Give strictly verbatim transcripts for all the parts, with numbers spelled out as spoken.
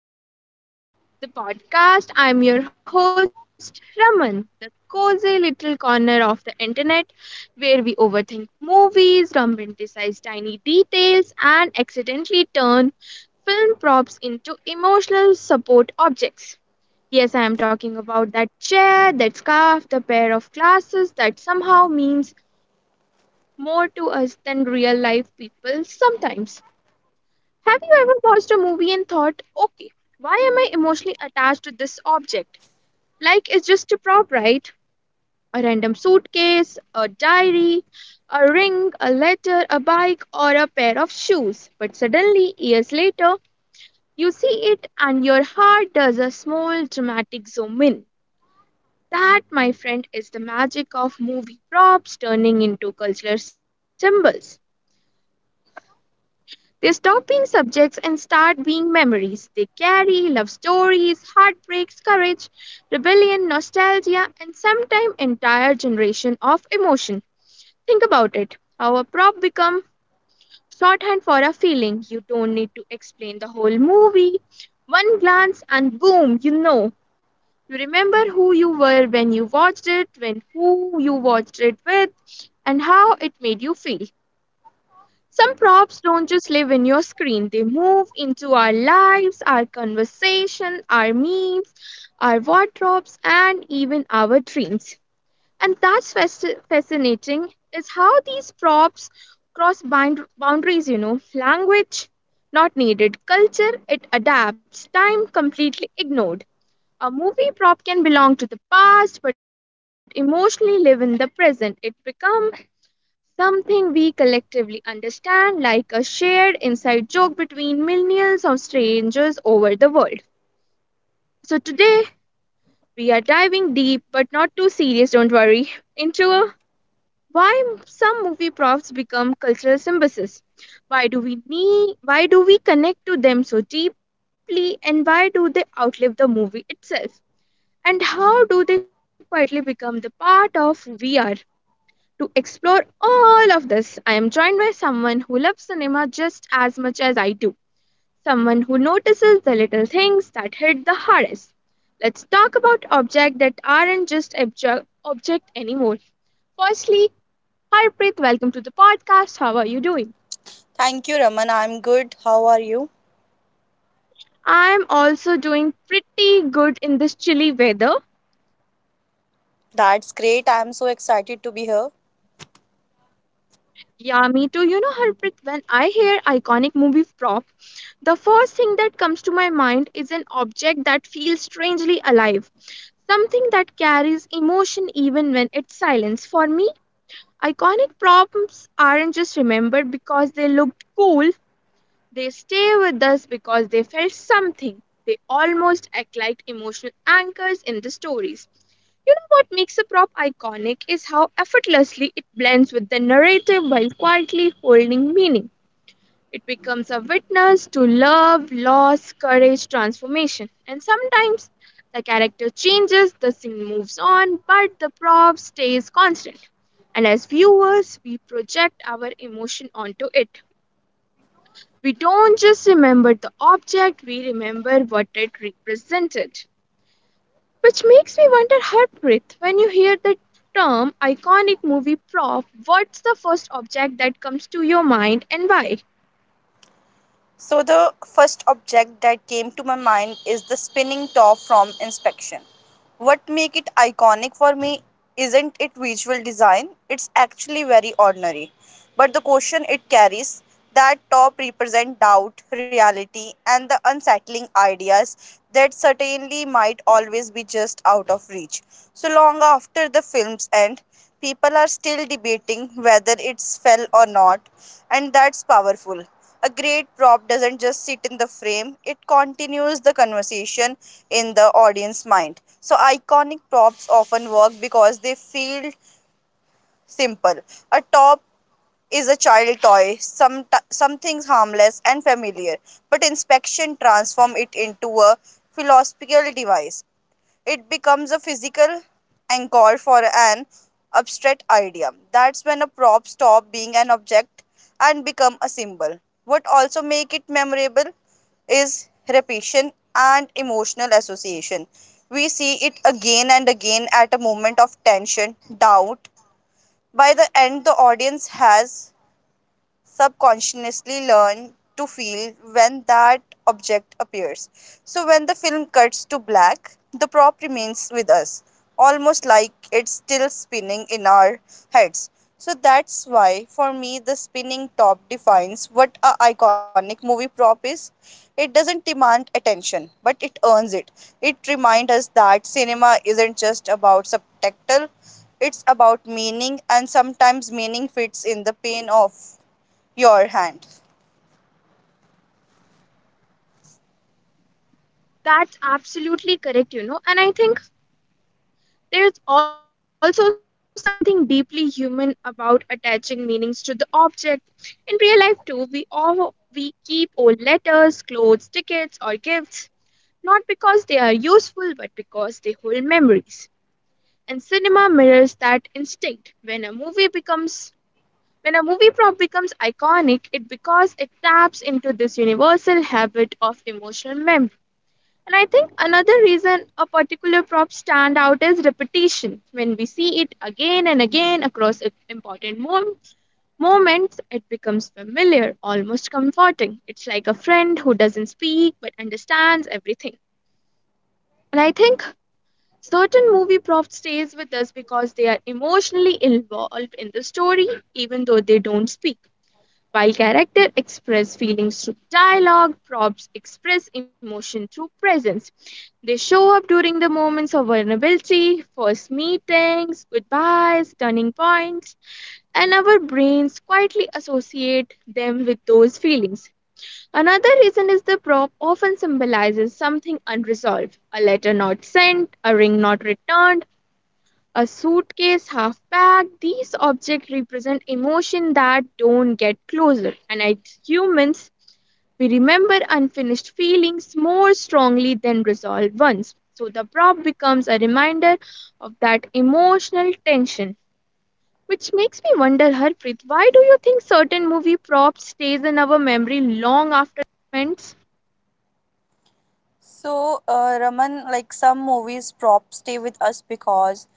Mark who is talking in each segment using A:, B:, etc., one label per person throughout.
A: everyone. Welcome back to the podcast. I'm your host, Raman, the cozy little corner of the internet where we overthink movies, romanticize tiny details, and accidentally turn film props into emotional support objects. Yes, I am talking about that chair, that scarf, the pair of glasses that somehow means more to us than real life people sometimes. Have you ever watched a movie and thought, okay, why am I emotionally attached to this object? Like it's just a prop, right? A random suitcase, a diary, a ring, a letter, a bike, or a pair of shoes. But suddenly, years later, you see it and your heart does a small dramatic zoom in. That, my friend, is the magic of movie props turning into cultural symbols. They stop being subjects and start being memories. They carry love stories, heartbreaks, courage, rebellion, nostalgia, and sometimes entire generation of emotion. Think about it. How a prop become shorthand for a feeling. You don't need to explain the whole movie. One glance and boom, you know. You remember who you were when you watched it, when who you watched it with, and how it made you feel. Some props don't just live in your screen, they move into our lives, our conversation, our memes, our wardrobes, and even our dreams. And that's fasc- fascinating is how these props cross bind- boundaries, you know, language not needed, culture it adapts, time completely ignored. A movie prop can belong to the past but emotionally live in the present. It become something we collectively understand, like a shared inside joke between millions of strangers over the world. So, today we are diving deep, but not too serious, don't worry, into a, why some movie props become cultural symbols. Why do we need, why do we connect to them so deeply, and why do they outlive the movie itself? And how do they quietly become the part of who we are? To explore all of this, I am joined by someone who loves cinema just as much as I do, someone who notices the little things that hit the hardest. Let's talk about objects that aren't just obje- object anymore. Firstly, Harpreet, welcome to the podcast. How are you doing?
B: Thank you, Raman. I'm good. How are you?
A: I'm also doing pretty good in this chilly weather.
B: That's great. I'm so excited to be here.
A: Yeah, me too. You know, Harpreet, when I hear iconic movie prop, the first thing that comes to my mind is an object that feels strangely alive, something that carries emotion even when it's silence. For me, iconic props aren't just remembered because they looked cool, they stay with us because they felt something. They almost act like emotional anchors in the stories. You know what makes a prop iconic is how effortlessly it blends with the narrative while quietly holding meaning. It becomes a witness to love, loss, courage, transformation. And sometimes the character changes, the scene moves on, but the prop stays constant. And as viewers, we project our emotion onto it. We don't just remember the object, we remember what it represented. Which makes me wonder, Harpreet, when you hear the term iconic movie prop, what's the first object that comes to your mind and why?
B: So, the first object that came to my mind is the spinning top from Inspection. What make it iconic for me isn't it visual design, it's actually very ordinary. But the question it carries, that top represent doubt, reality and the unsettling ideas that certainly might always be just out of reach. So long after the film's end, people are still debating whether it's fell or not, and that's powerful. A great prop doesn't just sit in the frame, it continues the conversation in the audience's mind. So iconic props often work because they feel simple. A top is a child toy, some something harmless and familiar, but inspection transforms it into a philosophical device. It becomes a physical anchor for an abstract idea. That's when a prop stops being an object and become a symbol. What also make it memorable is repetition and emotional association. We see it again and again at a moment of tension, doubt, by the end the audience has subconsciously learn to feel when that object appears. So when the film cuts to black, the prop remains with us, almost like it's still spinning in our heads. So that's why, for me, the spinning top defines what a iconic movie prop is. It doesn't demand attention, but it earns it. It reminds us that cinema isn't just about subtitle; it's about meaning, and sometimes meaning fits in the pain of your hand.
A: That's absolutely correct, you know. And I think there's also something deeply human about attaching meanings to the object. In real life, too, we all we keep old letters, clothes, tickets, or gifts, not because they are useful, but because they hold memories. And cinema mirrors that instinct. When a movie becomes when a movie prop becomes iconic, it because it taps into this universal habit of emotional memory. And I think another reason a particular prop stand out is repetition. When we see it again and again across i- important mom- moments, it becomes familiar, almost comforting. It's like a friend who doesn't speak but understands everything. And I think certain movie props stays with us because they are emotionally involved in the story, even though they don't speak. While character express feelings through dialogue, props express emotion through presence. They show up during the moments of vulnerability, first meetings, goodbyes, turning points, and our brains quietly associate them with those feelings. Another reason is the prop often symbolizes something unresolved, a letter not sent, a ring not returned, a suitcase half packed. These objects represent emotion that don't get closer, and as humans, we remember unfinished feelings more strongly than resolved ones. So the prop becomes a reminder of that emotional tension. Which makes me wonder, Harpreet, why do you think certain movie props stays in our memory long after events?
B: So, uh, Raman, like some movies props stay with us because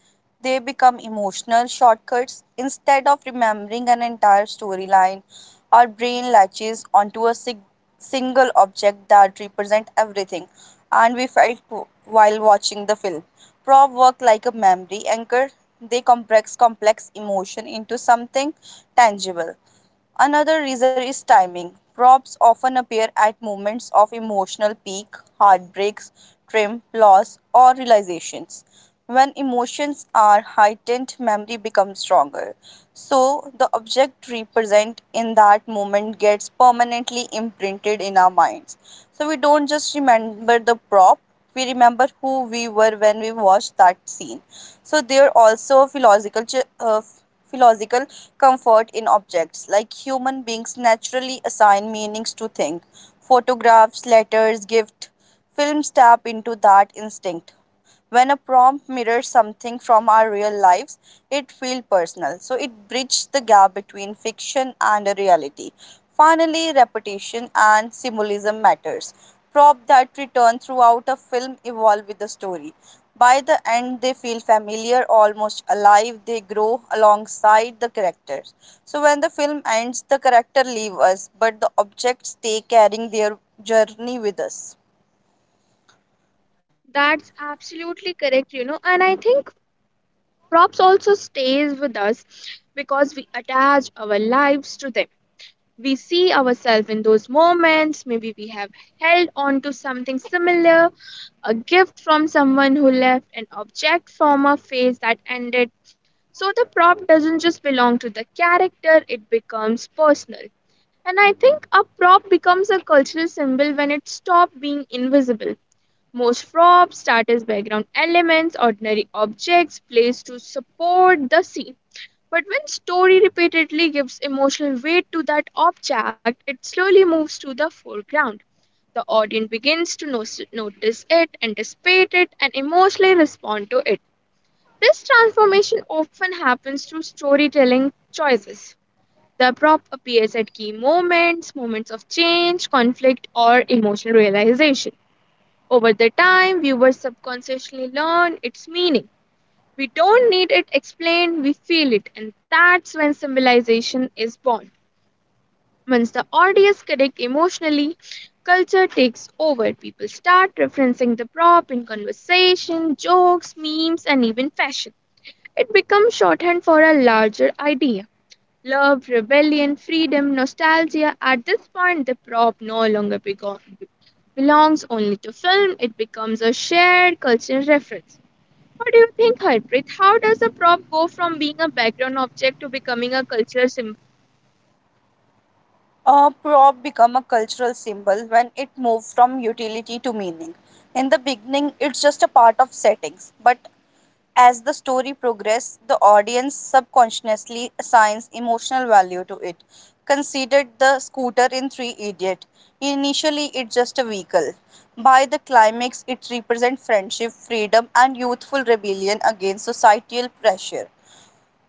B: they become emotional shortcuts. Instead of remembering an entire storyline, our brain latches onto a sig- single object that represents everything, and we felt w- while watching the film. Prop work like a memory anchor. They compress complex emotion into something tangible. Another reason is timing. Props often appear at moments of emotional peak, heartbreaks, trim, loss, or realizations. When emotions are heightened, memory becomes stronger. So, the object represent in that moment gets permanently imprinted in our minds. So, we don't just remember the prop, we remember who we were when we watched that scene. So, there also philosophical ch- uh, philosophical comfort in objects. Like human beings naturally assign meanings to things. Photographs, letters, gift, films tap into that instinct when a prompt mirrors something from our real lives, it feels personal, so it bridges the gap between fiction and reality. Finally, repetition and symbolism matters. Prop that return throughout a film evolve with the story. By the end they feel familiar, almost alive, they grow alongside the characters. So when the film ends the character leave us, but the objects stay carrying their journey with us.
A: That's absolutely correct, you know. And I think props also stays with us because we attach our lives to them. We see ourselves in those moments. Maybe we have held on to something similar, a gift from someone who left, an object from a phase that ended. So the prop doesn't just belong to the character, it becomes personal. And I think a prop becomes a cultural symbol when it stops being invisible. Most props, starters, background elements, ordinary objects, plays to support the scene. But when story repeatedly gives emotional weight to that object, it slowly moves to the foreground. The audience begins to nos- notice it, anticipate it, and emotionally respond to it. This transformation often happens through storytelling choices. The prop appears at key moments, moments of change, conflict, or emotional realization. Over the time, viewers subconsciously learn its meaning. We don't need it explained, we feel it, and that's when symbolization is born. Once the audience connect emotionally, culture takes over. People start referencing the prop in conversation, jokes, memes, and even fashion. It becomes shorthand for a larger idea. Love, rebellion, freedom, nostalgia. At this point, the prop no longer bego- belongs only to film, it becomes a shared cultural reference. What do you think, Harpreet? How does a prop go from being a background object to becoming a cultural symbol?
B: A prop became a cultural symbol when it moves from utility to meaning. In the beginning, it's just a part of settings, but as the story progresses, the audience subconsciously assigns emotional value to it. Considered the scooter in Three Idiot. Initially, it's just a vehicle. By the climax, it represents friendship, freedom, and youthful rebellion against societal pressure,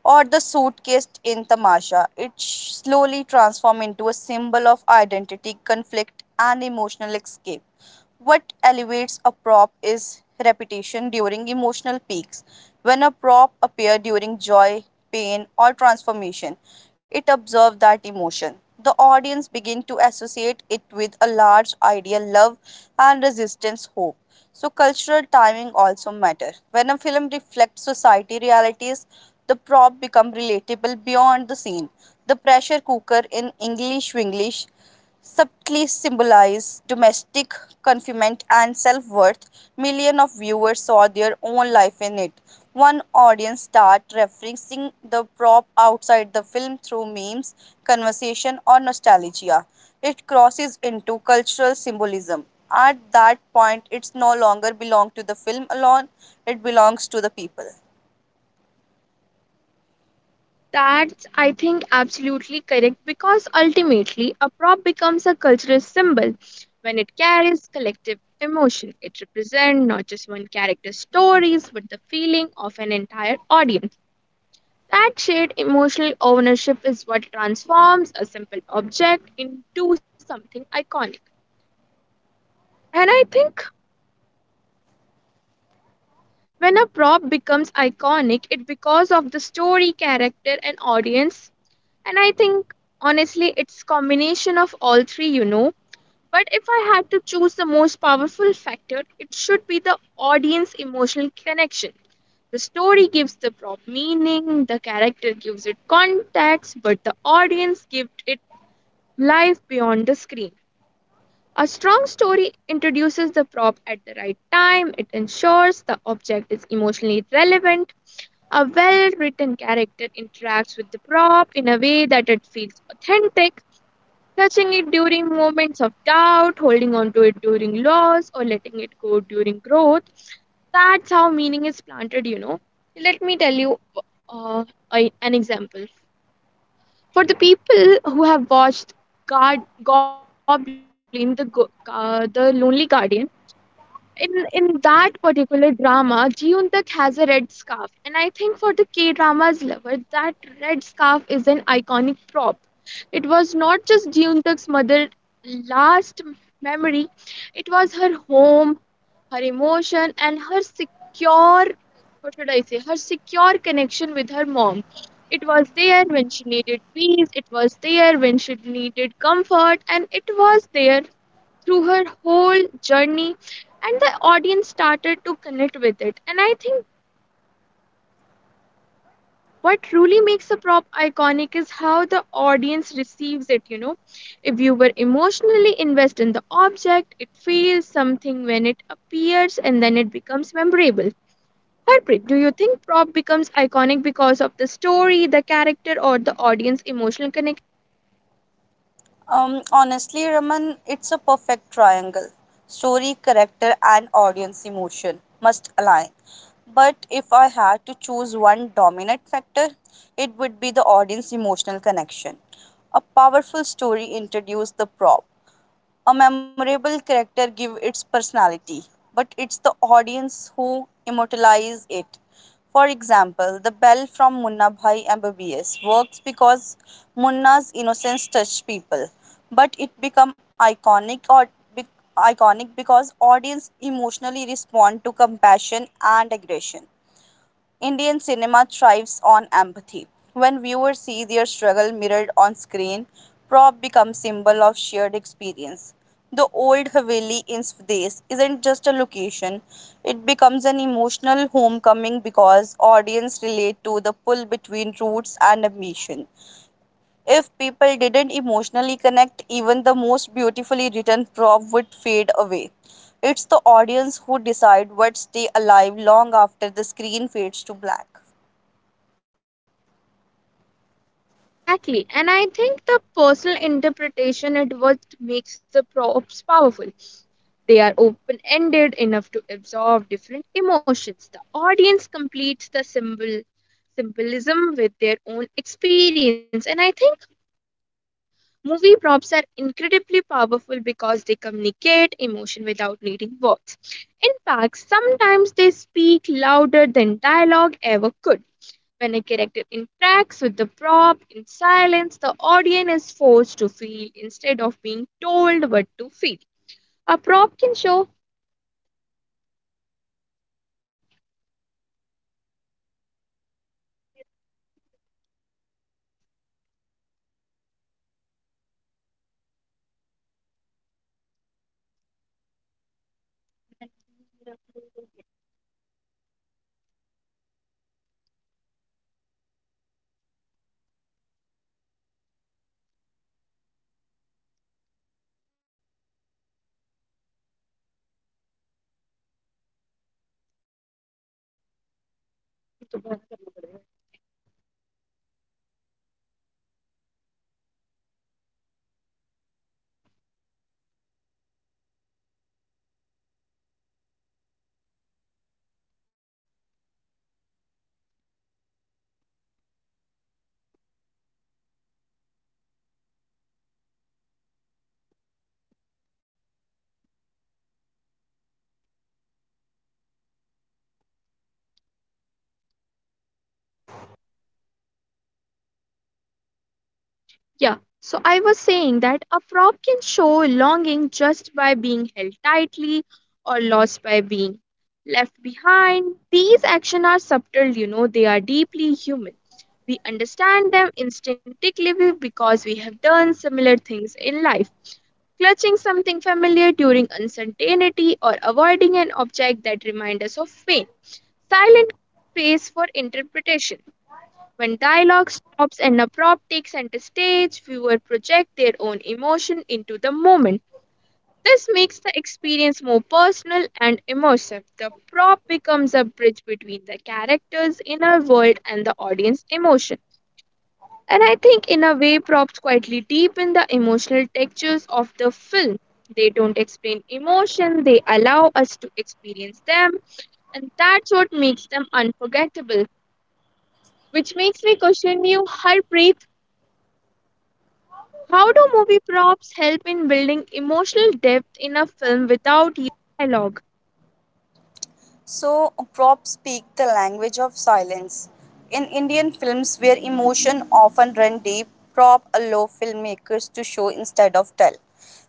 B: or the suitcase in Tamasha. It slowly transforms into a symbol of identity, conflict, and emotional escape. What elevates a prop is repetition during emotional peaks. When a prop appears during joy, pain, or transformation, it observes that emotion. The audience begin to associate it with a large idea, love, and resistance, hope. So cultural timing also matter. When a film reflects society realities, the prop become relatable beyond the scene. The pressure cooker in English Winglish subtly symbolize domestic confinement and self worth, millions of viewers saw their own life in it. One audience started referencing the prop outside the film through memes, conversation, or nostalgia. It crosses into cultural symbolism. At that point, it's no longer belong to the film alone; it belongs to the people.
A: That's, I think, absolutely correct because ultimately a prop becomes a cultural symbol when it carries collective emotion. It represents not just one character's stories but the feeling of an entire audience. That shared emotional ownership is what transforms a simple object into something iconic. And I think when a prop becomes iconic, it's because of the story, character, and audience. And I think honestly, it's combination of all three, you know. But if I had to choose the most powerful factor, it should be the audience emotional connection. The story gives the prop meaning, the character gives it context, but the audience gives it life beyond the screen. A strong story introduces the prop at the right time, it ensures the object is emotionally relevant. A well written character interacts with the prop in a way that it feels authentic, touching it during moments of doubt, holding on to it during loss, or letting it go during growth. That's how meaning is planted, you know. Let me tell you uh, a- an example. For the people who have watched Guard, Goblin, the, Go- uh, the Lonely Guardian, in, in that particular drama, Jiyoon Tak has a red scarf. And I think for the K dramas lover, that red scarf is an iconic prop. It was not just Jiyoon Tak's mother' last memory, it was her home, her emotion, and her secure, what should I say, her secure connection with her mom. It was there when she needed peace, it was there when she needed comfort, and it was there through her whole journey. And the audience started to connect with it. And I think what truly makes a prop iconic is how the audience receives it, you know. If you were emotionally invested in the object, it feels something when it appears, and then it becomes memorable. Harpreet, do you think prop becomes iconic because of the story, the character, or the audience emotional connection?
B: Um, honestly, Raman, it's a perfect triangle. Story, character, and audience emotion must align. But if I had to choose one dominant factor, it would be the audience emotional connection. A powerful story introduces the prop, a memorable character gives its personality, but it's the audience who immortalize it. For example, the bell from Munna Bhai M B B S works because Munna's innocence touched people, but it become iconic or bec- iconic because audience emotionally respond to compassion and aggression. Indian cinema thrives on empathy. When viewers see their struggle mirrored on screen, prop becomes symbol of shared experience. The old Haveli in Swadesh isn't just a location, it becomes an emotional homecoming because audience relate to the pull between roots and ambition. If people didn't emotionally connect, even the most beautifully written prop would fade away. It's the audience who decide what stay alive long after the screen fades to black.
A: Exactly, and I think the personal interpretation it what makes the props powerful. They are open ended enough to absorb different emotions. The audience completes the symbol symbolism with their own experience, and I think movie props are incredibly powerful because they communicate emotion without needing words. In fact, sometimes they speak louder than dialogue ever could. When a character interacts with the prop in silence, the audience is forced to feel instead of being told what to feel. A prop can show. Yeah. So I was saying that a frog can show longing just by being held tightly or lost by being left behind. These actions are subtle, you know, they are deeply human. We understand them instinctively because we have done similar things in life. Clutching something familiar during uncertainty or avoiding an object that reminds us of pain. Silent space for interpretation. When dialogue stops and abrupt takes center stage, viewers project their own emotion into the moment. This makes the experience more personal and immersive. The prop becomes a bridge between the character's inner world and the audience emotion. And I think, in a way, props quietly deepen the emotional textures of the film. They don't explain emotion, they allow us to experience them, and that's what makes them unforgettable. Which makes me question you, Harpreet. How do movie props help in building emotional depth in a film without u- dialogue?
B: So, props speak the language of silence. In Indian films where emotion often run deep, prop allow filmmakers to show instead of tell.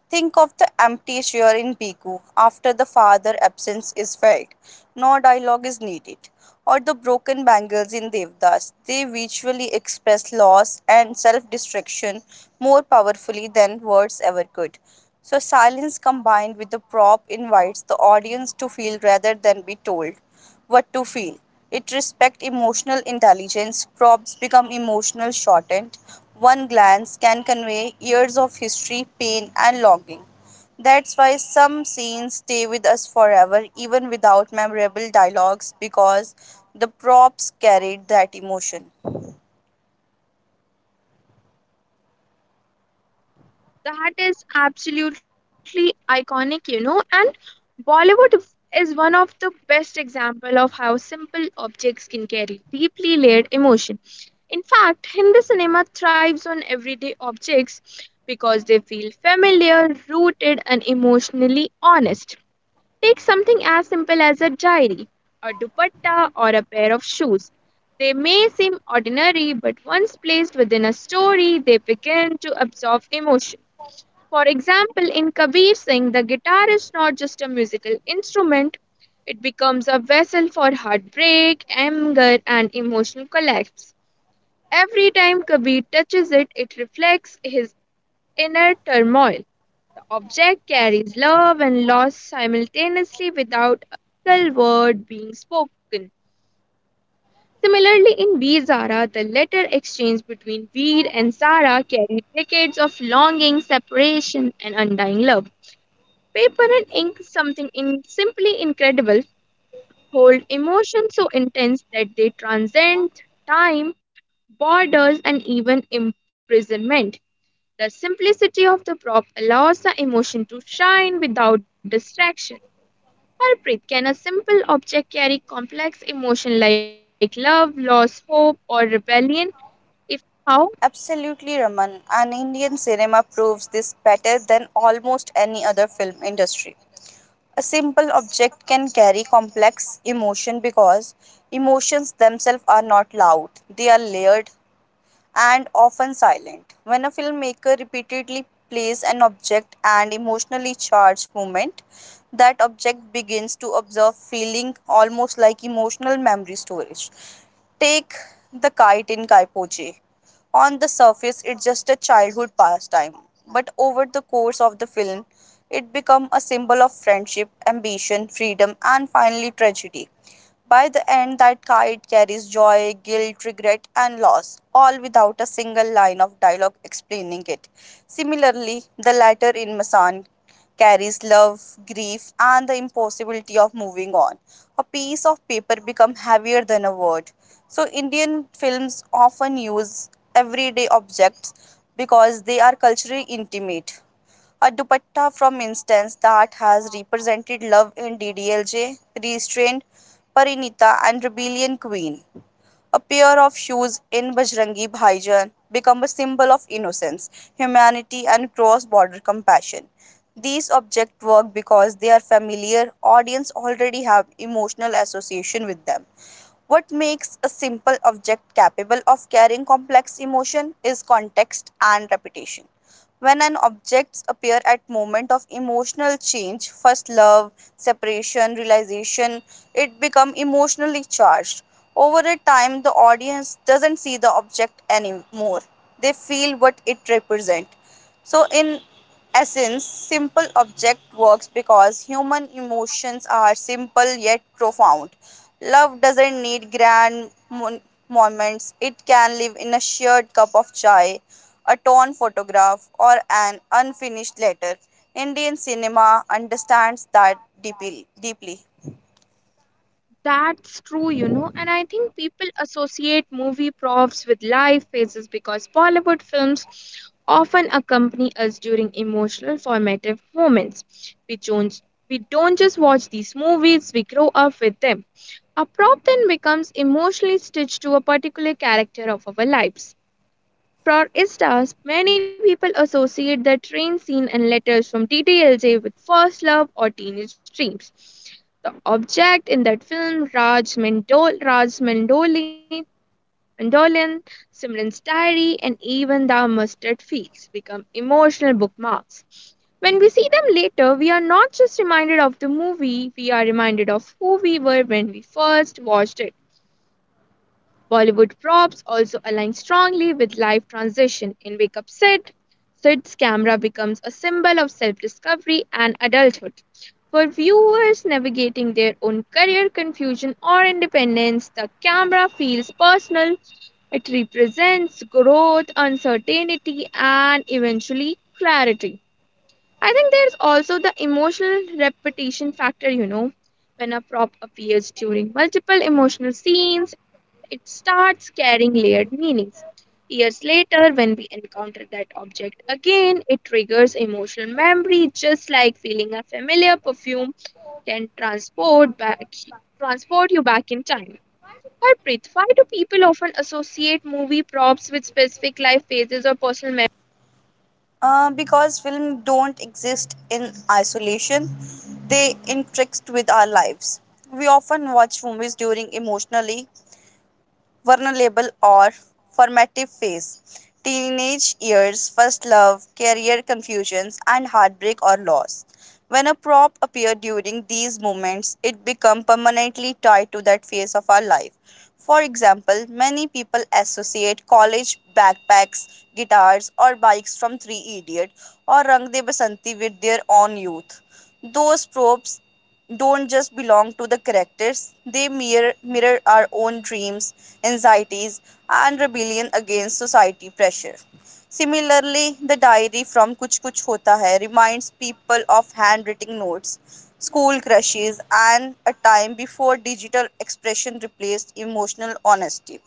B: Think of the empty chair in Bigu after the father absence is felt. No dialogue is needed, or the broken bangles in Devdas. They visually express loss and self destruction more powerfully than words ever could. So, silence combined with the prop invites the audience to feel rather than be told what to feel. It respects emotional intelligence. Props become emotional shortened. One glance can convey years of history, pain, and longing. That's why some scenes stay with us forever, even without memorable dialogues, because the props carried that emotion.
A: That is absolutely iconic, you know, and Bollywood f- is one of the best example of how simple objects can carry deeply layered emotion. In fact, Hindi cinema thrives on everyday objects because they feel familiar, rooted, and emotionally honest. Take something as simple as a diary, a dupatta, or a pair of shoes. They may seem ordinary, but once placed within a story, they begin to absorb emotion. For example, in Kabir Singh, the guitar is not just a musical instrument, it becomes a vessel for heartbreak, anger, and emotional collapse. Every time Kabir touches it, it reflects his inner turmoil object carries love and loss simultaneously without a single word being spoken. Similarly, in Veer Zara, the letter exchange between Veer and Zara carried decades of longing, separation, and undying love. Paper and ink, something in simply incredible, hold emotions so intense that they transcend time, borders, and even imprisonment. The simplicity of the prop allows the emotion to shine without distraction. Harpreet, can a simple object carry complex emotion like love, loss, hope, or rebellion? If how,
B: Absolutely, Raman. And Indian cinema proves this better than almost any other film industry. A simple object can carry complex emotion because emotions themselves are not loud, they are layered, and often silent. When a filmmaker repeatedly plays an object and emotionally charged moment, that object begins to observe feeling almost like emotional memory storage. Take the kite in Kaipoche. On the surface, it's just a childhood pastime, but over the course of the film, it becomes a symbol of friendship, ambition, freedom, and finally tragedy. By the end, that kite carries joy, guilt, regret, and loss, all without a single line of dialogue explaining it. Similarly, the letter in Masan carries love, grief, and the impossibility of moving on. A piece of paper become heavier than a word. So Indian films often use everyday objects because they are culturally intimate. A dupatta, from instance, that has represented love in D D L J, Restrained, Parinita, and Rebellion Queen. A pair of shoes in Bajrangi Bhaijan become a symbol of innocence, humanity, and cross border compassion. These objects work because they are familiar, audience already have emotional association with them. What makes a simple object capable of carrying complex emotion is context and repetition. When an objects appear at moment of emotional change, first love, separation, realization, it become emotionally charged. Over a time, the audience doesn't see the object anymore. They feel what it represents. So in essence, simple object works because human emotions are simple yet profound. Love doesn't need grand mon- moments, it can live in a shared cup of chai, a torn photograph, or an unfinished letter. Indian cinema understands that deeply. Deeply.
A: that's true, you know. And I think people associate movie props with life phases because Bollywood films often accompany us during emotional formative moments. We don't, we don't just watch these movies, we grow up with them. A prop then becomes emotionally stitched to a particular character of our lives. For instance, many people associate the train scene and letters from D T L J with first love or teenage dreams. The object in that film, Raj, Mandol- Raj Mandoli, Mandolin, Simran's diary, and even the mustard fields become emotional bookmarks. When we see them later, we are not just reminded of the movie, we are reminded of who we were when we first watched it. Bollywood props also align strongly with life transition. In Wake Up Sid, Sid's camera becomes a symbol of self discovery and adulthood. For viewers navigating their own career confusion or independence, the camera feels personal. It represents growth, uncertainty, and eventually clarity. I think there's also the emotional repetition factor, you know. When a prop appears during multiple emotional scenes, it starts carrying layered meanings. Years later, when we encounter that object again, it triggers emotional memory, just like feeling a familiar perfume can transport back transport you back in time. Harpreet, why do people often associate movie props with specific life phases or personal memories?
B: Uh, because films don't exist in isolation, they interact with our lives. We often watch movies during emotionally vulnerable or formative phase teenage years, first love, career confusions, and heartbreak or loss. When a prop appears during these moments, it becomes permanently tied to that phase of our life. For example, many people associate college backpacks, guitars, or bikes from Three Idiot or Rang De Basanti with their own youth. Those props don't just belong to the characters, they mirror, mirror our own dreams, anxieties, and rebellion against society pressure. Similarly, the diary from Kuch Kuch Hota Hai reminds people of handwritten notes, school crushes, and a time before digital expression replaced emotional honesty.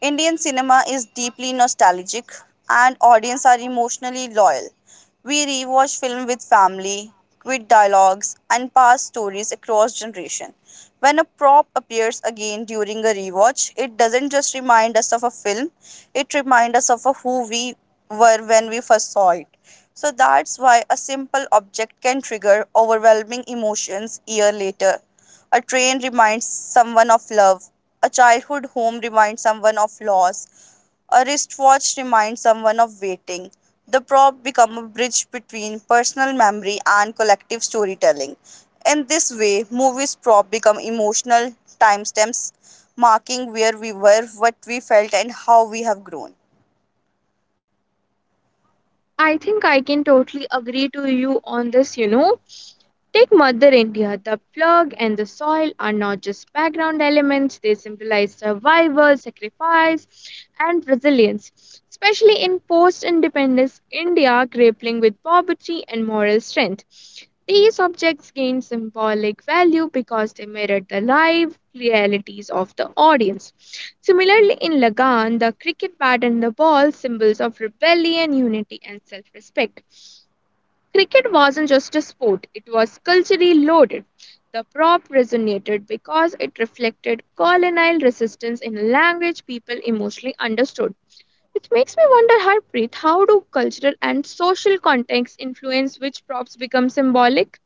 B: Indian cinema is deeply nostalgic and audience are emotionally loyal. We rewatch film with family, with dialogues and past stories across generation. When a prop appears again during a rewatch, it doesn't just remind us of a film, it reminds us of who we were when we first saw it. So that's why a simple object can trigger overwhelming emotions year later. A train reminds someone of love. A childhood home reminds someone of loss. A wristwatch reminds someone of waiting. The prop become a bridge between personal memory and collective storytelling. In this way, movies prop become emotional timestamps, marking where we were, what we felt, and how we have grown.
A: I think I can totally agree to you on this, you know. Take Mother India. The plug and the soil are not just background elements, they symbolize survival, sacrifice, and resilience. Especially in post independence India, grappling with poverty and moral strength. These objects gain symbolic value because they mirror the live realities of the audience. Similarly, in Lagan, the cricket bat and the ball, symbols of rebellion, unity, and self respect. Cricket wasn't just a sport, it was culturally loaded. The prop resonated because it reflected colonial resistance in a language people emotionally understood. Which makes me wonder, Harpreet, how do cultural and social contexts influence which props become symbolic?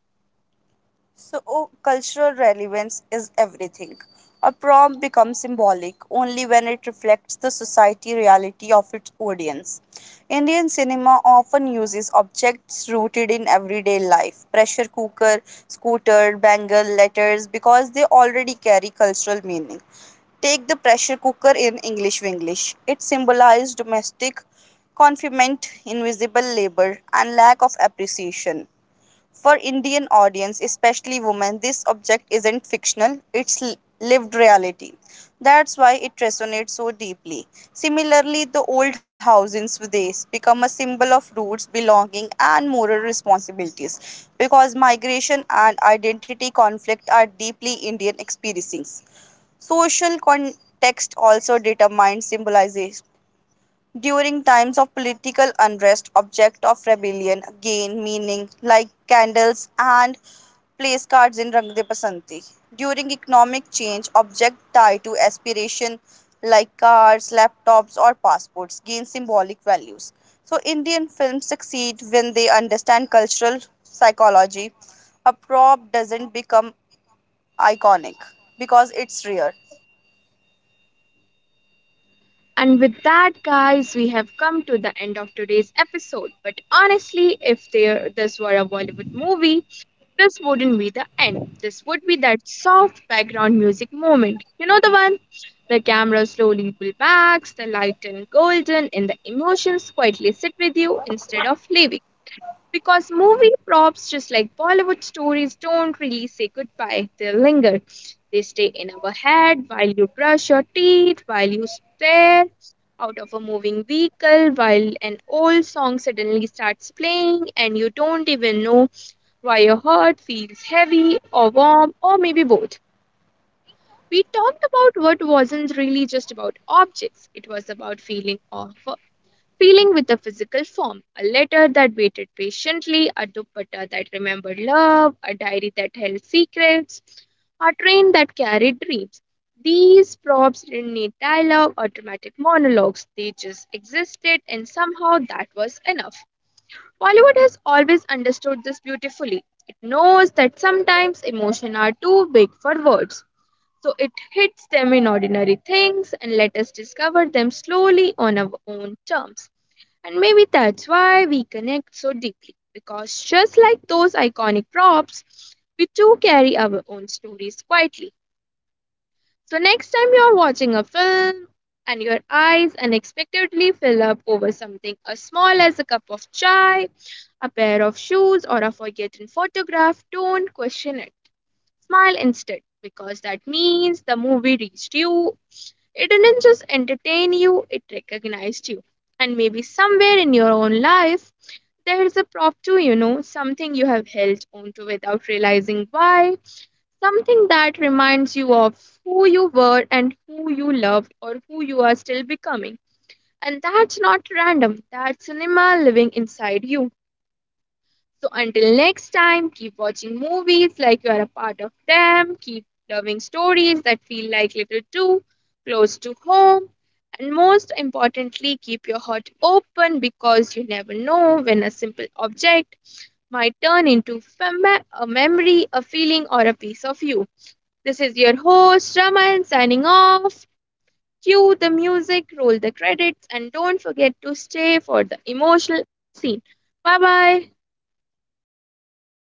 B: So, oh, cultural relevance is everything. A prompt becomes symbolic only when it reflects the society reality of its audience. Indian cinema often uses objects rooted in everyday life pressure cooker, scooter, bangle, letters because they already carry cultural meaning. Take the pressure cooker in English Winglish. It symbolized domestic confinement, invisible labor, and lack of appreciation. For Indian audience, especially women, this object isn't fictional, it's lived reality. That's why it resonates so deeply. Similarly, the old house in Swadesh become a symbol of roots, belonging and moral responsibilities because migration and identity conflict are deeply Indian experiences. Social context also determines symbolization during times of political unrest, objects of rebellion gain meaning, like candles and place cards in Rang De Basanti. During economic change, objects tied to aspiration, like cars, laptops, or passports, gain symbolic values. So, Indian films succeed when they understand cultural psychology. A prop doesn't become iconic because it's rare.
A: And with that, guys, we have come to the end of today's episode. But honestly, if there this were a Bollywood movie, this wouldn't be the end. This would be that soft background music moment. You know the one? The camera slowly pull backs, the light turn golden, and the emotions quietly sit with you instead of leaving. Because movie props, just like Bollywood stories, don't really say goodbye, they linger. They stay in our head while you brush your teeth, while you stare out of a moving vehicle, while an old song suddenly starts playing, and you don't even know why your heart feels heavy or warm or maybe both. We talked about what wasn't really just about objects, it was about feeling of feeling with a physical form, a letter that waited patiently, a dupatta that remembered love, a diary that held secrets, a train that carried dreams. These props didn't need dialogue or dramatic monologues, they just existed, and somehow that was enough. Bollywood has always understood this beautifully. It knows that sometimes emotions are too big for words. So it hits them in ordinary things and let us discover them slowly on our own terms. And maybe that's why we connect so deeply because just like those iconic props, we too carry our own stories quietly. So next time you're watching a film and your eyes unexpectedly fill up over something as small as a cup of chai, a pair of shoes, or a forgotten photograph, don't question it. Smile instead because that means the movie reached you it didn't just entertain you, it recognized you. And maybe somewhere in your own life, there is a prop too, you know, something you have held onto without realizing why, something that reminds you of who you were and who you loved or who you are still becoming. And that's not random, that's cinema living inside you. So until next time, keep watching movies like you are a part of them, keep loving stories that feel like little too close to home, and most importantly, keep your heart open because you never know when a simple object might turn into fam- a memory, a feeling, or a piece of you. This is your host, Raman, signing off. Cue the music, roll the credits, and don't forget to stay for the emotional scene. Bye bye.